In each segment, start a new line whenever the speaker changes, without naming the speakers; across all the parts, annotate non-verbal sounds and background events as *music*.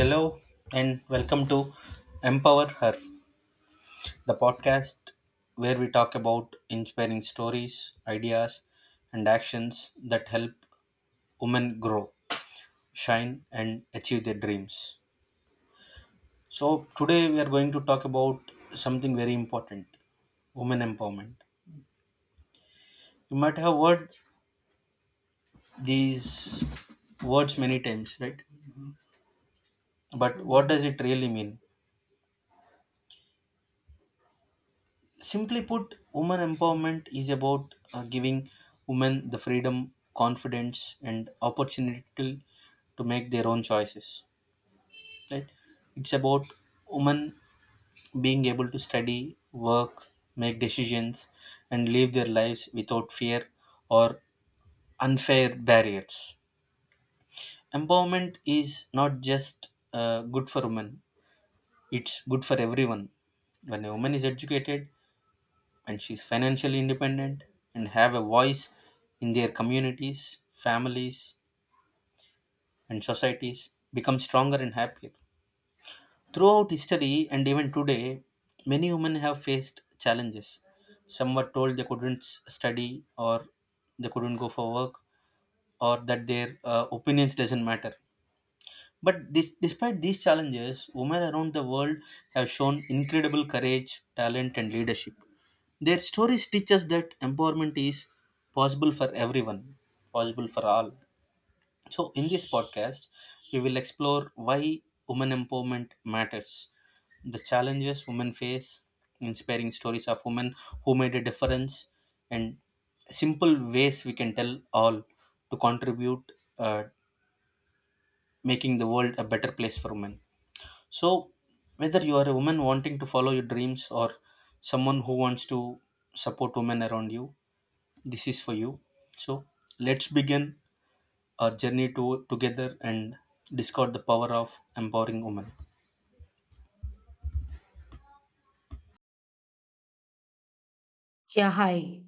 Hello and welcome to Empower Her, the podcast where we talk about inspiring stories, ideas, and actions that help women grow, shine, and achieve their dreams. So, today we are going to talk about something very important: women empowerment. You might have heard these words many times, right? But what does it really mean? Simply put, women empowerment is about giving women the freedom, confidence, and opportunity to make their own choices. Right? It's about women being able to study, work, make decisions, and live their lives without fear or unfair barriers. Empowerment is not just good for women; it's good for everyone. When a woman is educated, and she's financially independent and have a voice in their communities, families, and societies become stronger and happier. Throughout history and even today, many women have faced challenges. Some were told they couldn't study or they couldn't go for work or that their opinions doesn't matter. Despite these challenges, women around the world have shown incredible courage, talent, and leadership. Their stories teach us that empowerment is possible for everyone, possible for all. So, in this podcast, we will explore why women empowerment matters, the challenges women face, inspiring stories of women who made a difference, and simple ways we can tell all to contribute, uh, making the world a better place for women. So, whether you are a woman wanting to follow your dreams or someone who wants to support women around you, this is for you. So, let's begin our together and discover the power of empowering women.
Yeah, hi.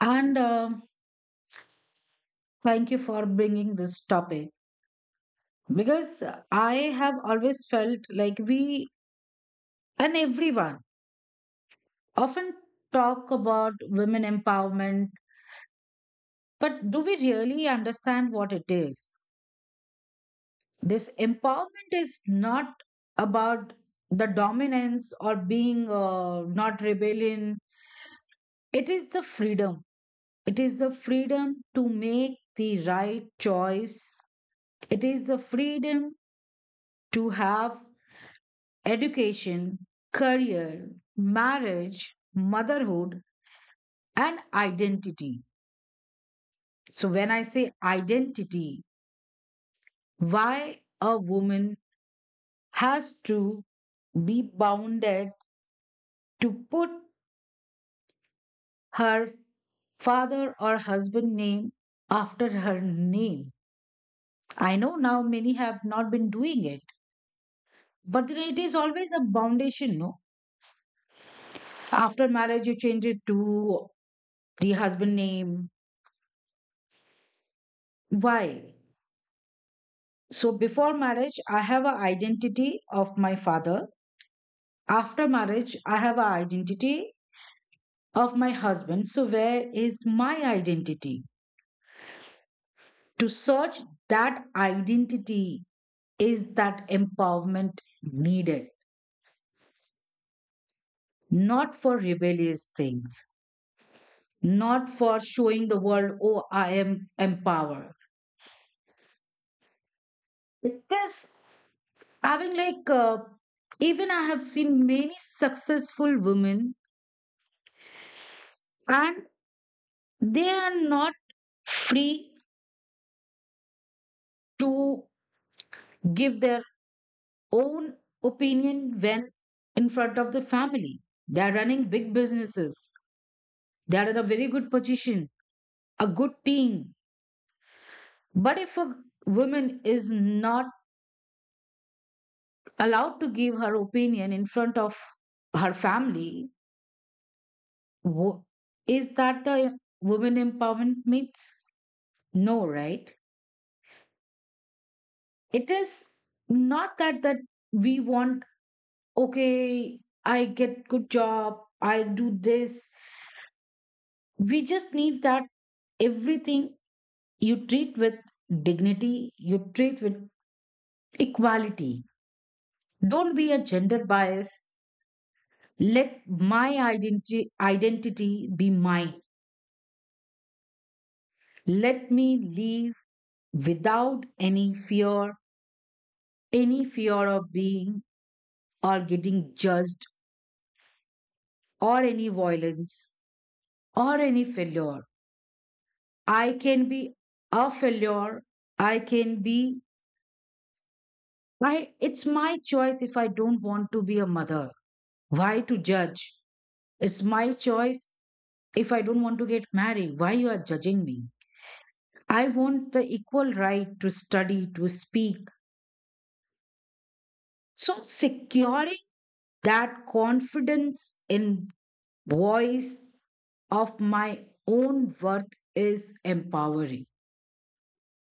And thank you for bringing this topic because I have always felt like we and everyone often talk about women empowerment, but do we really understand what it is? This empowerment is not about the dominance or being not rebellion, it is the freedom. It is the freedom to make the right choice. It is the freedom to have education, career, marriage, motherhood, and identity. So, when I say identity, why a woman has to be bounded to put her father or husband name after her name. I know now many have not been doing it, but then it is always a foundation, no? After marriage, you change it to the husband name. Why? So before marriage, I have an identity of my father. After marriage, I have an identity of my husband. So where is my identity? To search that identity is that empowerment needed, not for rebellious things, not for showing the world, oh, I am empowered. It is having like, even I have seen many successful women and they are not free to give their own opinion when in front of the family. They are running big businesses, they are in a very good position, a good team. But if a woman is not allowed to give her opinion in front of her family, wo- is that the woman empowerment means? No, right? It is not that we want, okay, I get good job, I do this. We just need that everything you treat with dignity, you treat with equality. Don't be a gender bias. Let my identity be mine. Let me live without any fear, any fear of being or getting judged or any violence or any failure. I can be a failure. I can be I it's my choice if I don't want to be a mother. Why to judge? It's my choice. If I don't want to get married, why you are judging me? I want the equal right to study, to speak. So securing that confidence in voice of my own worth is empowering,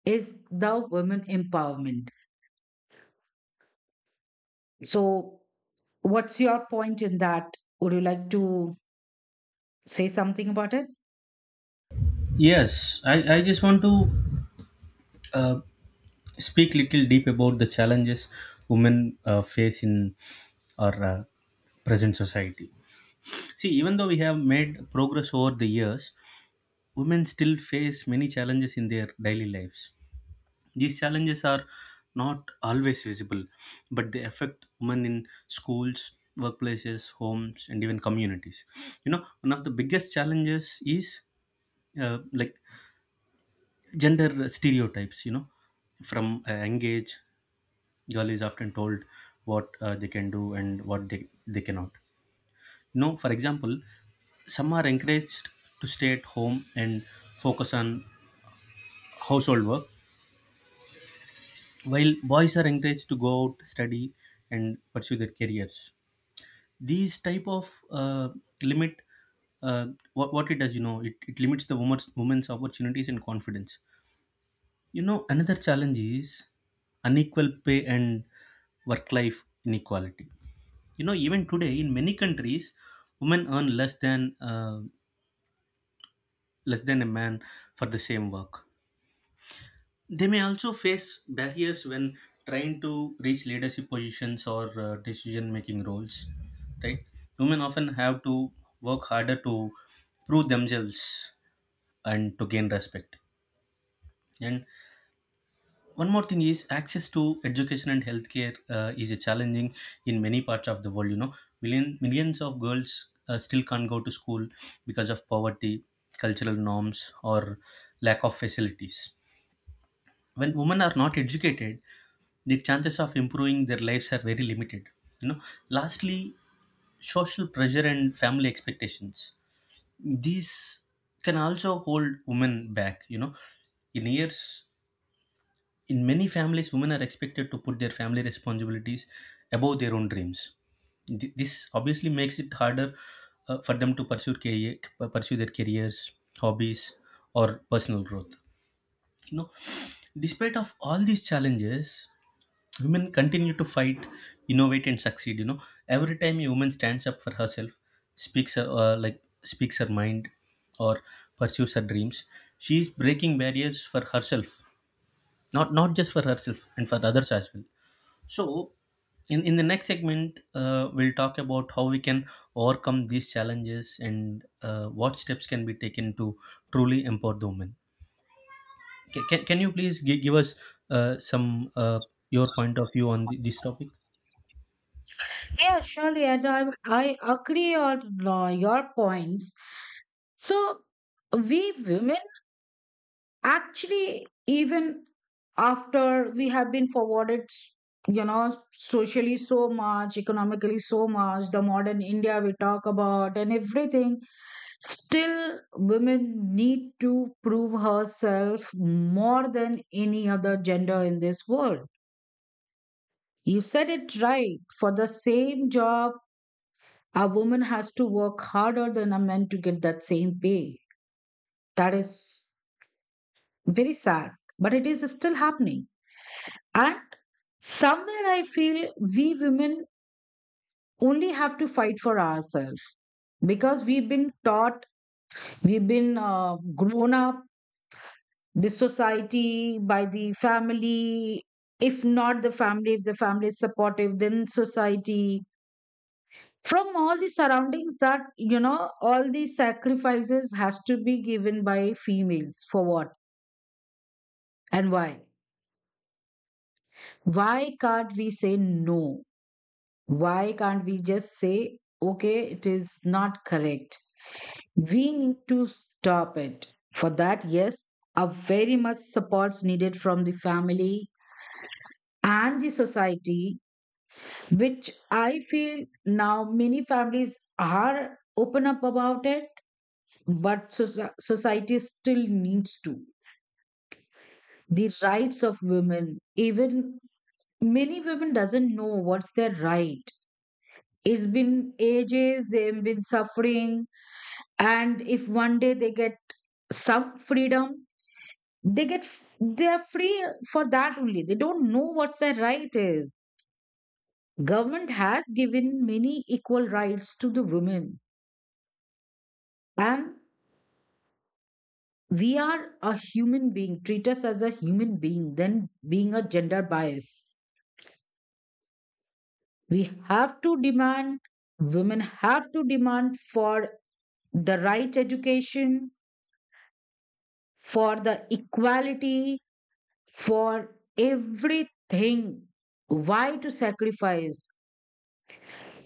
is the women empowerment. So what's your point in that? Would you like to say something about it?
Yes, I just want to uh, speak little deep about the challenges women face in our present society. See, even though we have made progress over the years, women still face many challenges in their daily lives. These challenges are not always visible, but they affect women in schools, workplaces, homes, and even communities. You know, one of the biggest challenges is uh, like gender stereotypes. You know, from a young age, girl is often told what they can do and what they cannot. You know, for example, some are encouraged to stay at home and focus on household work, while boys are encouraged to go out, study and pursue their careers. These type of limit, uh, what it does, you know, it limits the woman's opportunities and confidence. You know, another challenge is unequal pay and work life inequality. You know, even today in many countries women earn less than, less than a man for the same work. They may also face barriers when trying to reach leadership positions or decision making roles, right? Women often have to work harder to prove themselves and to gain respect. And one more thing is access to education and healthcare is a challenging in many parts of the world. You know, millions of girls still can't go to school because of poverty, cultural norms, or lack of facilities. When women are not educated, the chances of improving their lives are very limited. You know, lastly, social pressure and family expectations, these can also hold women back. You know, in years, in many families women are expected to put their family responsibilities above their own dreams. This obviously makes it harder for them to pursue their careers, hobbies, or personal growth. You know, despite of all these challenges, women continue to fight, innovate, and succeed. You know, every time a woman stands up for herself, speaks her, speaks her mind, or pursues her dreams, she is breaking barriers for herself, not just for herself and for others as well. So, in the next segment, we'll talk about how we can overcome these challenges and what steps can be taken to truly empower the women. Can you please give us some your point of view on this topic?
Yeah, surely. And I agree on your points. So we women actually even after we have been forwarded, you know, socially so much, economically so much, the modern India we talk about and everything, still women need to prove herself more than any other gender in this world. You said it right, for the same job a woman has to work harder than a man to get that same pay. That is very sad, but it is still happening. And somewhere I feel we women only have to fight for ourselves because we've been taught, we've been grown up, the society, by the family. If not the family, if the family is supportive, then society. From all the surroundings that, you know, all these sacrifices has to be given by females, for what and why? Why can't we say no? Why can't we just say, okay, it is not correct? We need to stop it. For that, yes, a very much support's needed from the family and the society, which I feel now many families are open up about it, but society still needs to. The rights of women, even many women doesn't know what's their right. It's been ages, they've been suffering, and if one day they get some freedom, they get they are free. For that only, they don't know what their right is. Government has given many equal rights to the women, and we are a human being, treat us as a human being then being a gender bias. We have to demand, women have to demand for the right education, for the equality, for everything. Why to sacrifice?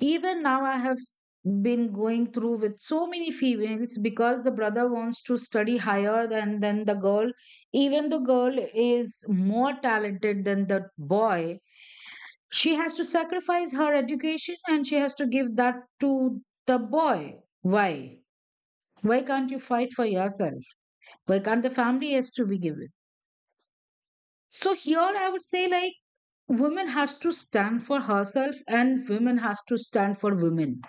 Even now, I have been going through with so many females because the brother wants to study higher than the girl. Even the girl is more talented than the boy. She has to sacrifice her education and she has to give that to the boy. Why? Why can't you fight for yourself? Why can't the family has to be given? So here I would say like women has to stand for herself and women has to stand for women.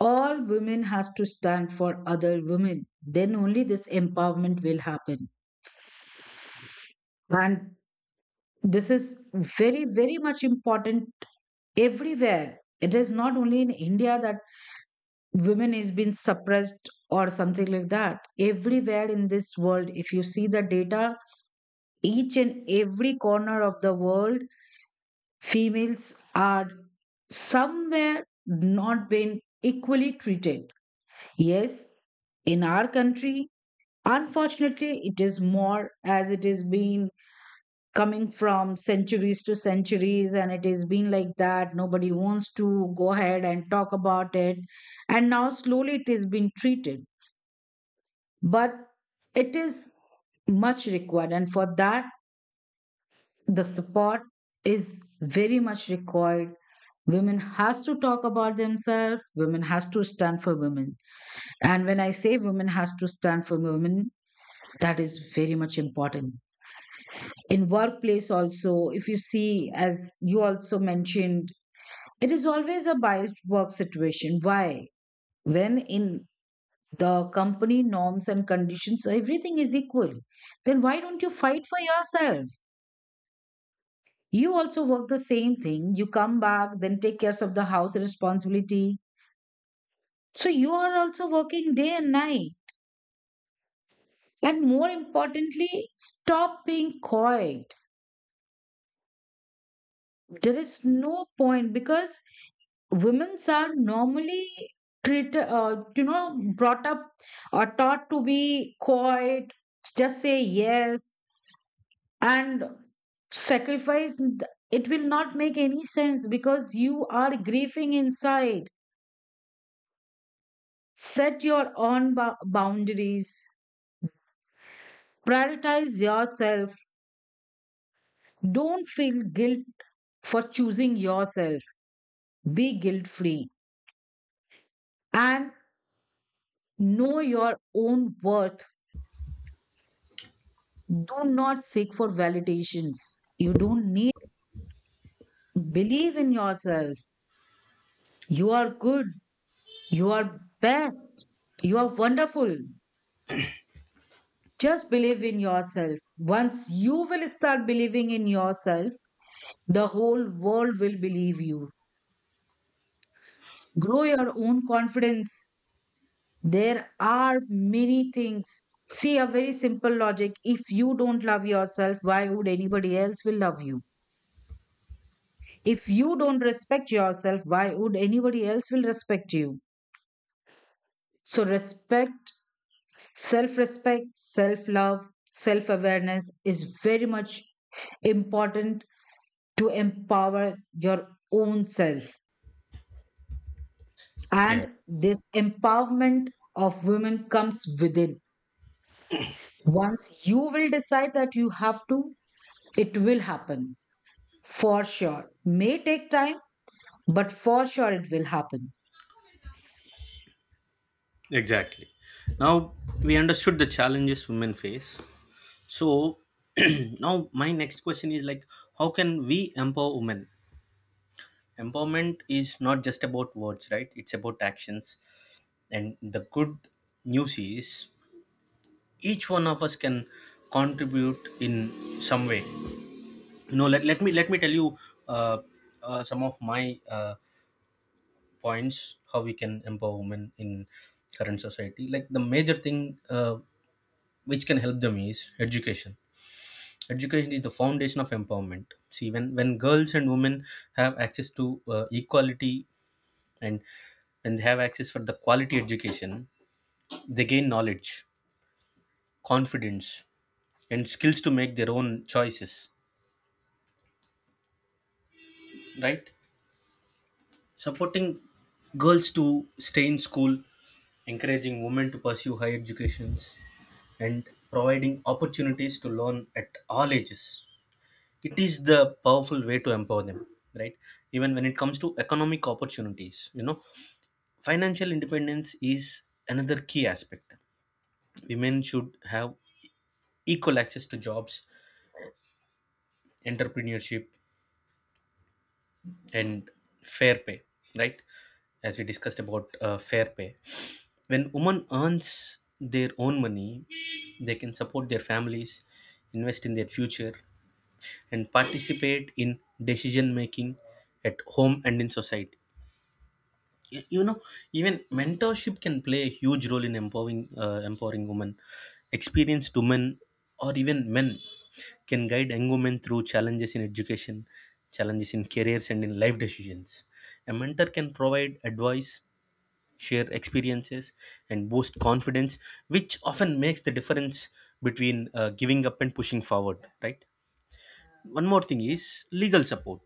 All women has to stand for other women. Then only this empowerment will happen. And this is very, very much important everywhere. It is not only in India that women is being suppressed or something like that. Everywhere in this world, if you see the data, each and every corner of the world, females are somewhere not been equally treated. Yes, in our country, unfortunately, it is more as it is been coming from centuries to centuries, and it has been like that. Nobody wants to go ahead and talk about it, and now slowly it is being treated, but it is much required, and for that, the support is very much required. Women has to talk about themselves, women has to stand for women. And when I say women has to stand for women, that is very much important. In workplace also, if you see, as you also mentioned, it is always a biased work situation. Why, when in the company norms and conditions everything is equal, then why don't you fight for yourself? You also work the same thing. You come back, then take care of the house responsibility. So you are also working day and night. And more importantly, stop being coy. There is no point, because women are normally treated, you know, brought up or taught to be coy, just say yes and sacrifice. It will not make any sense because you are grieving inside. Set your own boundaries. Prioritize yourself. Don't feel guilt for choosing yourself. Be guilt free and know your own worth. Do not seek for validations. You don't need. Believe in yourself. You are good. You are best. You are wonderful. Just believe in yourself. Once you will start believing in yourself, the whole world will believe you. Grow your own confidence. There are many things. See, a very simple logic: if you don't love yourself, why would anybody else will love you? If you don't respect yourself, why would anybody else will respect you? So respect, self respect, self love, self awareness is very much important to empower your own self.
Yeah,
And this empowerment of women comes within. Once you will decide that you have to, it will happen for sure. May take time, but for sure it will happen.
exactly. Now we understood the challenges women face. So *clears throat* now my next question is like, how can we empower women? Empowerment is not just about words, right? It's about actions. And the good news is each one of us can contribute in some way. You know, let me tell you uh, some of my points how we can empower women in current society. Like, the major thing, uh, which can help them, is education. Education is the foundation of empowerment. See, when girls and women have access to equality, and when they have access for the quality education, they gain knowledge, confidence, and skills to make their own choices, right? Supporting girls to stay in school, encouraging women to pursue higher educations, and providing opportunities to learn at all ages. It is the powerful way to empower them, right? Even when it comes to economic opportunities, you know, financial independence is another key aspect. Women should have equal access to jobs, entrepreneurship, and fair pay, right? As we discussed about fair pay, when women earns their own money, they can support their families, invest in their future, and participate in decision making at home and in society. You know, even mentorship can play a huge role in empowering women. Experienced women, or even men, can guide young women through challenges in education, challenges in careers, and in life decisions. A mentor can provide advice, share experiences, and boost confidence, which often makes the difference between, giving up and pushing forward, right? One more thing is legal support.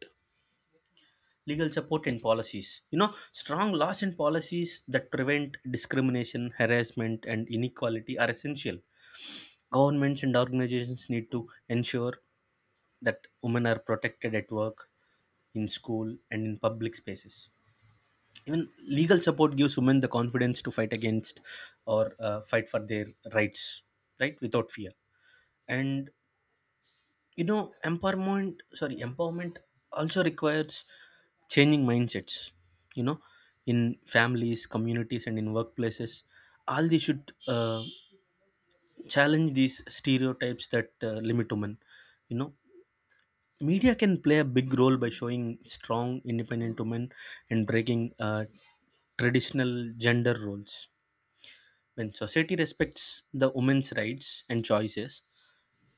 Legal support and policies. You know, strong laws and policies that prevent discrimination, harassment, and inequality are essential. Governments and organizations need to ensure that women are protected at work, in school, and in public spaces. Even legal support gives women the confidence to fight against, or fight for their rights, right, without fear. And you know, empowerment also requires changing mindsets, you know, in families, communities, and in workplaces. All these should challenge these stereotypes that limit women. You know, media can play a big role by showing strong independent women and breaking traditional gender roles. When society respects the women's rights and choices,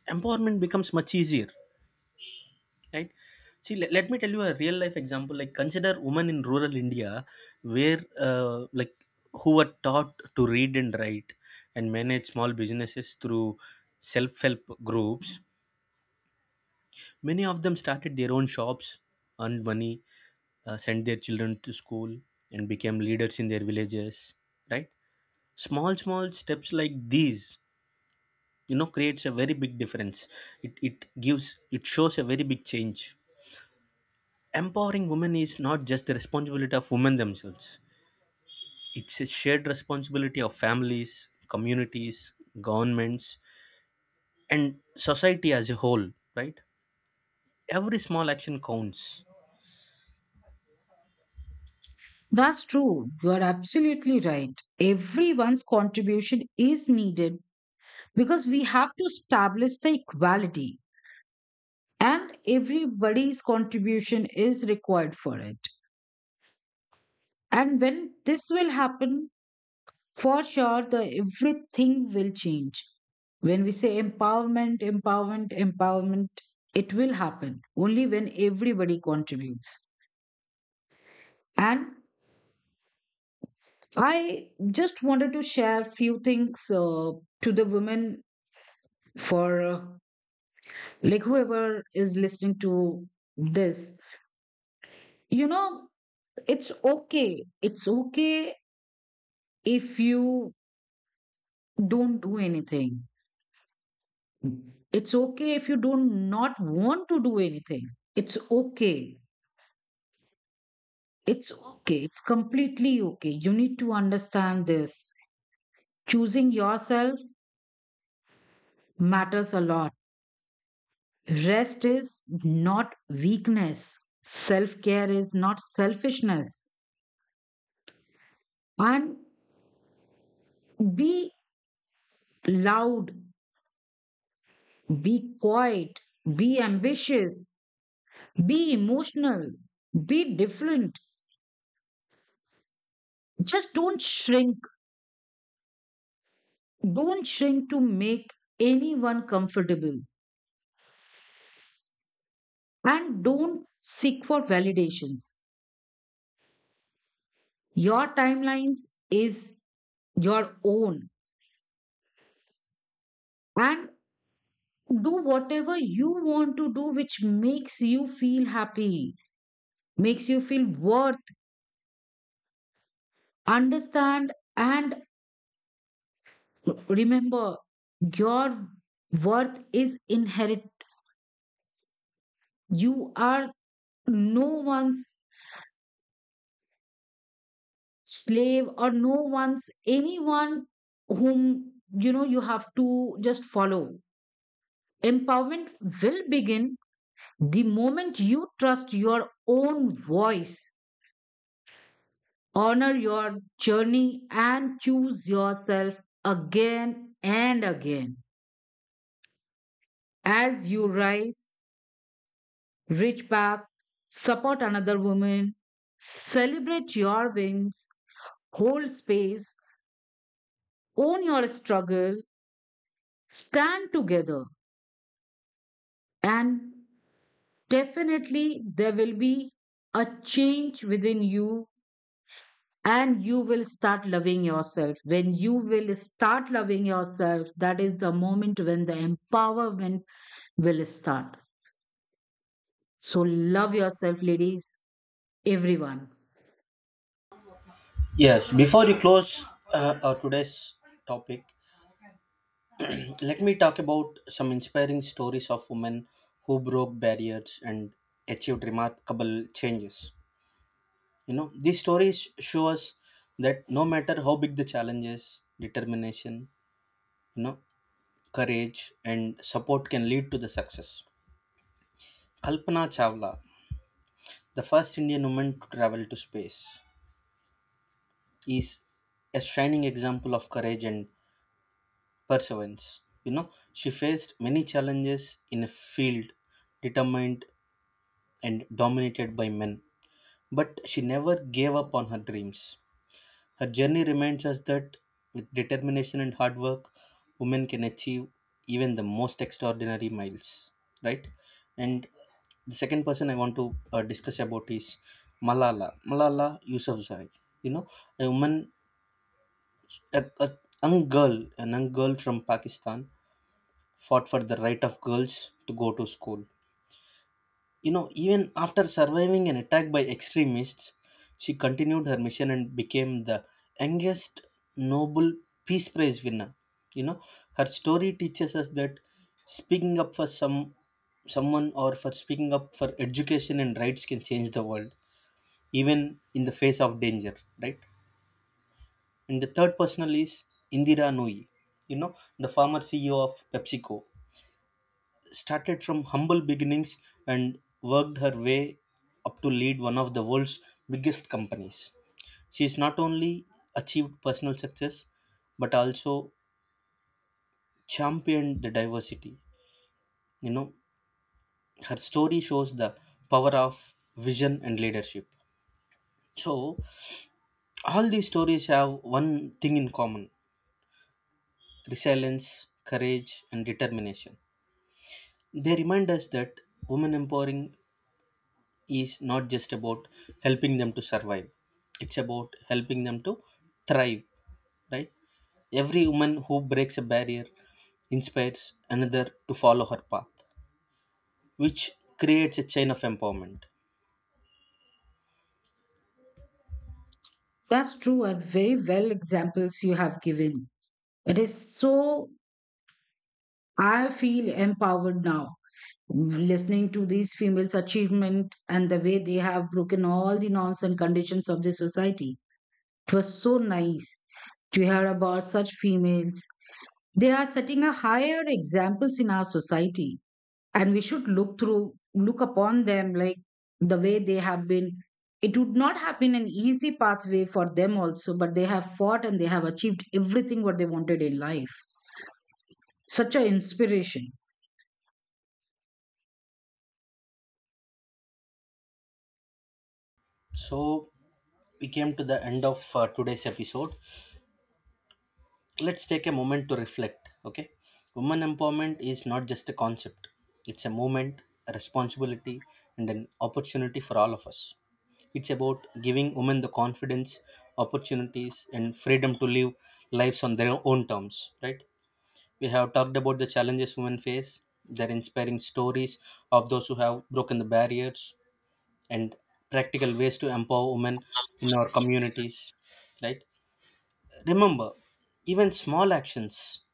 empowerment becomes much easier, right? See, let me tell you a real life example. Like, consider women in rural India, where who were taught to read and write and manage small businesses through self-help groups. Many of them started their own shops, earned money, sent their children to school, and became leaders in their villages, right? Small small steps like these, you know, creates a very big difference. It, it gives it shows a very big change. Empowering women is not just the responsibility of women themselves, it's a shared responsibility of families, communities, governments, and society as a whole, right? Every small action counts.
That's true. You are absolutely right. Everyone's contribution is needed because we have to establish the equality, and everybody's contribution is required for it. And when this will happen, for sure, the everything will change. When we say empowerment, empowerment, empowerment, it will happen only when everybody contributes. And I just wanted to share few things to the women for like whoever is listening to this. You know, it's okay. It's okay if you don't do anything. It's okay if you do not want to do anything. It's okay. It's okay. It's completely okay. You need to understand this. Choosing yourself matters a lot. Rest is not weakness. Self care is not selfishness. And be loud, be quiet, be ambitious, be emotional, be different. Just don't shrink. Don't shrink to make anyone comfortable, and don't seek for validations. Your timelines is your own, and do whatever you want to do, which makes you feel happy, makes you feel worth, understand, and remember your worth is inherent. You are no one's slave or no one's anyone whom, you know, you have to just follow. Empowerment will begin the moment you trust your own voice, honor your journey, and choose yourself again and again. As you rise, reach back, support another woman, celebrate your wins, hold space, own your struggle, stand together, and definitely there will be a change within you. And you will start loving yourself. When you will start loving yourself, that is the moment when the empowerment will start. So love yourself, ladies, everyone.
Yes, before you close our today's topic, let me talk about some inspiring stories of women who broke barriers and achieved remarkable changes. You know, these stories show us that no matter how big the challenge is, determination, you know, courage, and support can lead to the success. Kalpana Chawla, the first Indian woman to travel to space, is a shining example of courage and perseverance. You know, she faced many challenges in a field determined and dominated by men, but she never gave up on her dreams. Her journey reminds us that with determination and hard work, women can achieve even the most extraordinary miles, right? And the second person I want to discuss about is Malala Yousafzai. You know, a woman, a, a a young girl from Pakistan, fought for the right of girls to go to school. You know, even after surviving an attack by extremists, she continued her mission and became the youngest Nobel Peace Prize winner. You know, her story teaches us that speaking up for someone, or for speaking up for education and rights, can change the world, even in the face of danger, right? And the third personal is Indira Nui, you know, the former CEO of PepsiCo, started from humble beginnings and worked her way up to lead one of the world's biggest companies. She has not only achieved personal success, but also championed the diversity. You know, her story shows the power of vision and leadership. So, all these stories have one thing in common: resilience, courage, and determination. They remind us that women empowering is not just about helping them to survive, it's about helping them to thrive, right? Every woman who breaks a barrier inspires another to follow her path, which creates a chain of empowerment.
That's true, and very well examples you have given. It is so, I feel empowered now, listening to these females achievement and the way they have broken all the norms and conditions of the society. It was so nice to hear about such females. They are setting a higher examples in our society, and we should look through, look upon them like the way they have been. It would not have been an easy pathway for them also, but they have fought and they have achieved everything what they wanted in life. Such an inspiration.
So, we came to the end of today's episode. Let's take a moment to reflect, okay? Women empowerment is not just a concept, it's a movement, a responsibility, and an opportunity for all of us. It's about giving women the confidence, opportunities, and freedom to live lives on their own terms, right? We have talked about the challenges women face, their inspiring stories of those who have broken the barriers, and practical ways to empower women in our communities, right? Remember, even small actions,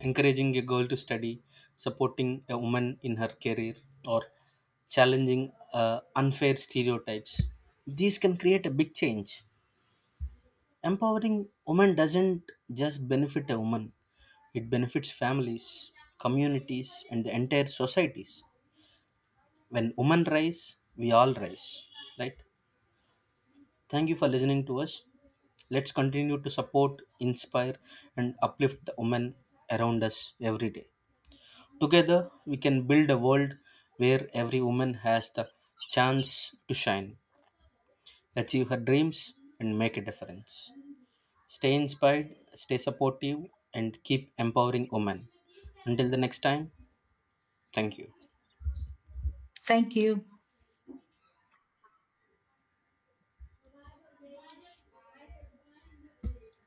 encouraging a girl to study, supporting a woman in her career, or challenging unfair stereotypes, these can create a big change. Empowering women doesn't just benefit a woman, it benefits families, communities, and the entire societies. When women rise, we all rise. Right? Thank you for listening to us. Let's continue to support, inspire, and uplift the women around us every day. Together, we can build a world where every woman has the chance to shine, achieve her dreams, and make a difference. Stay inspired, stay supportive, and keep empowering women. Until the next time, thank you.
Thank you.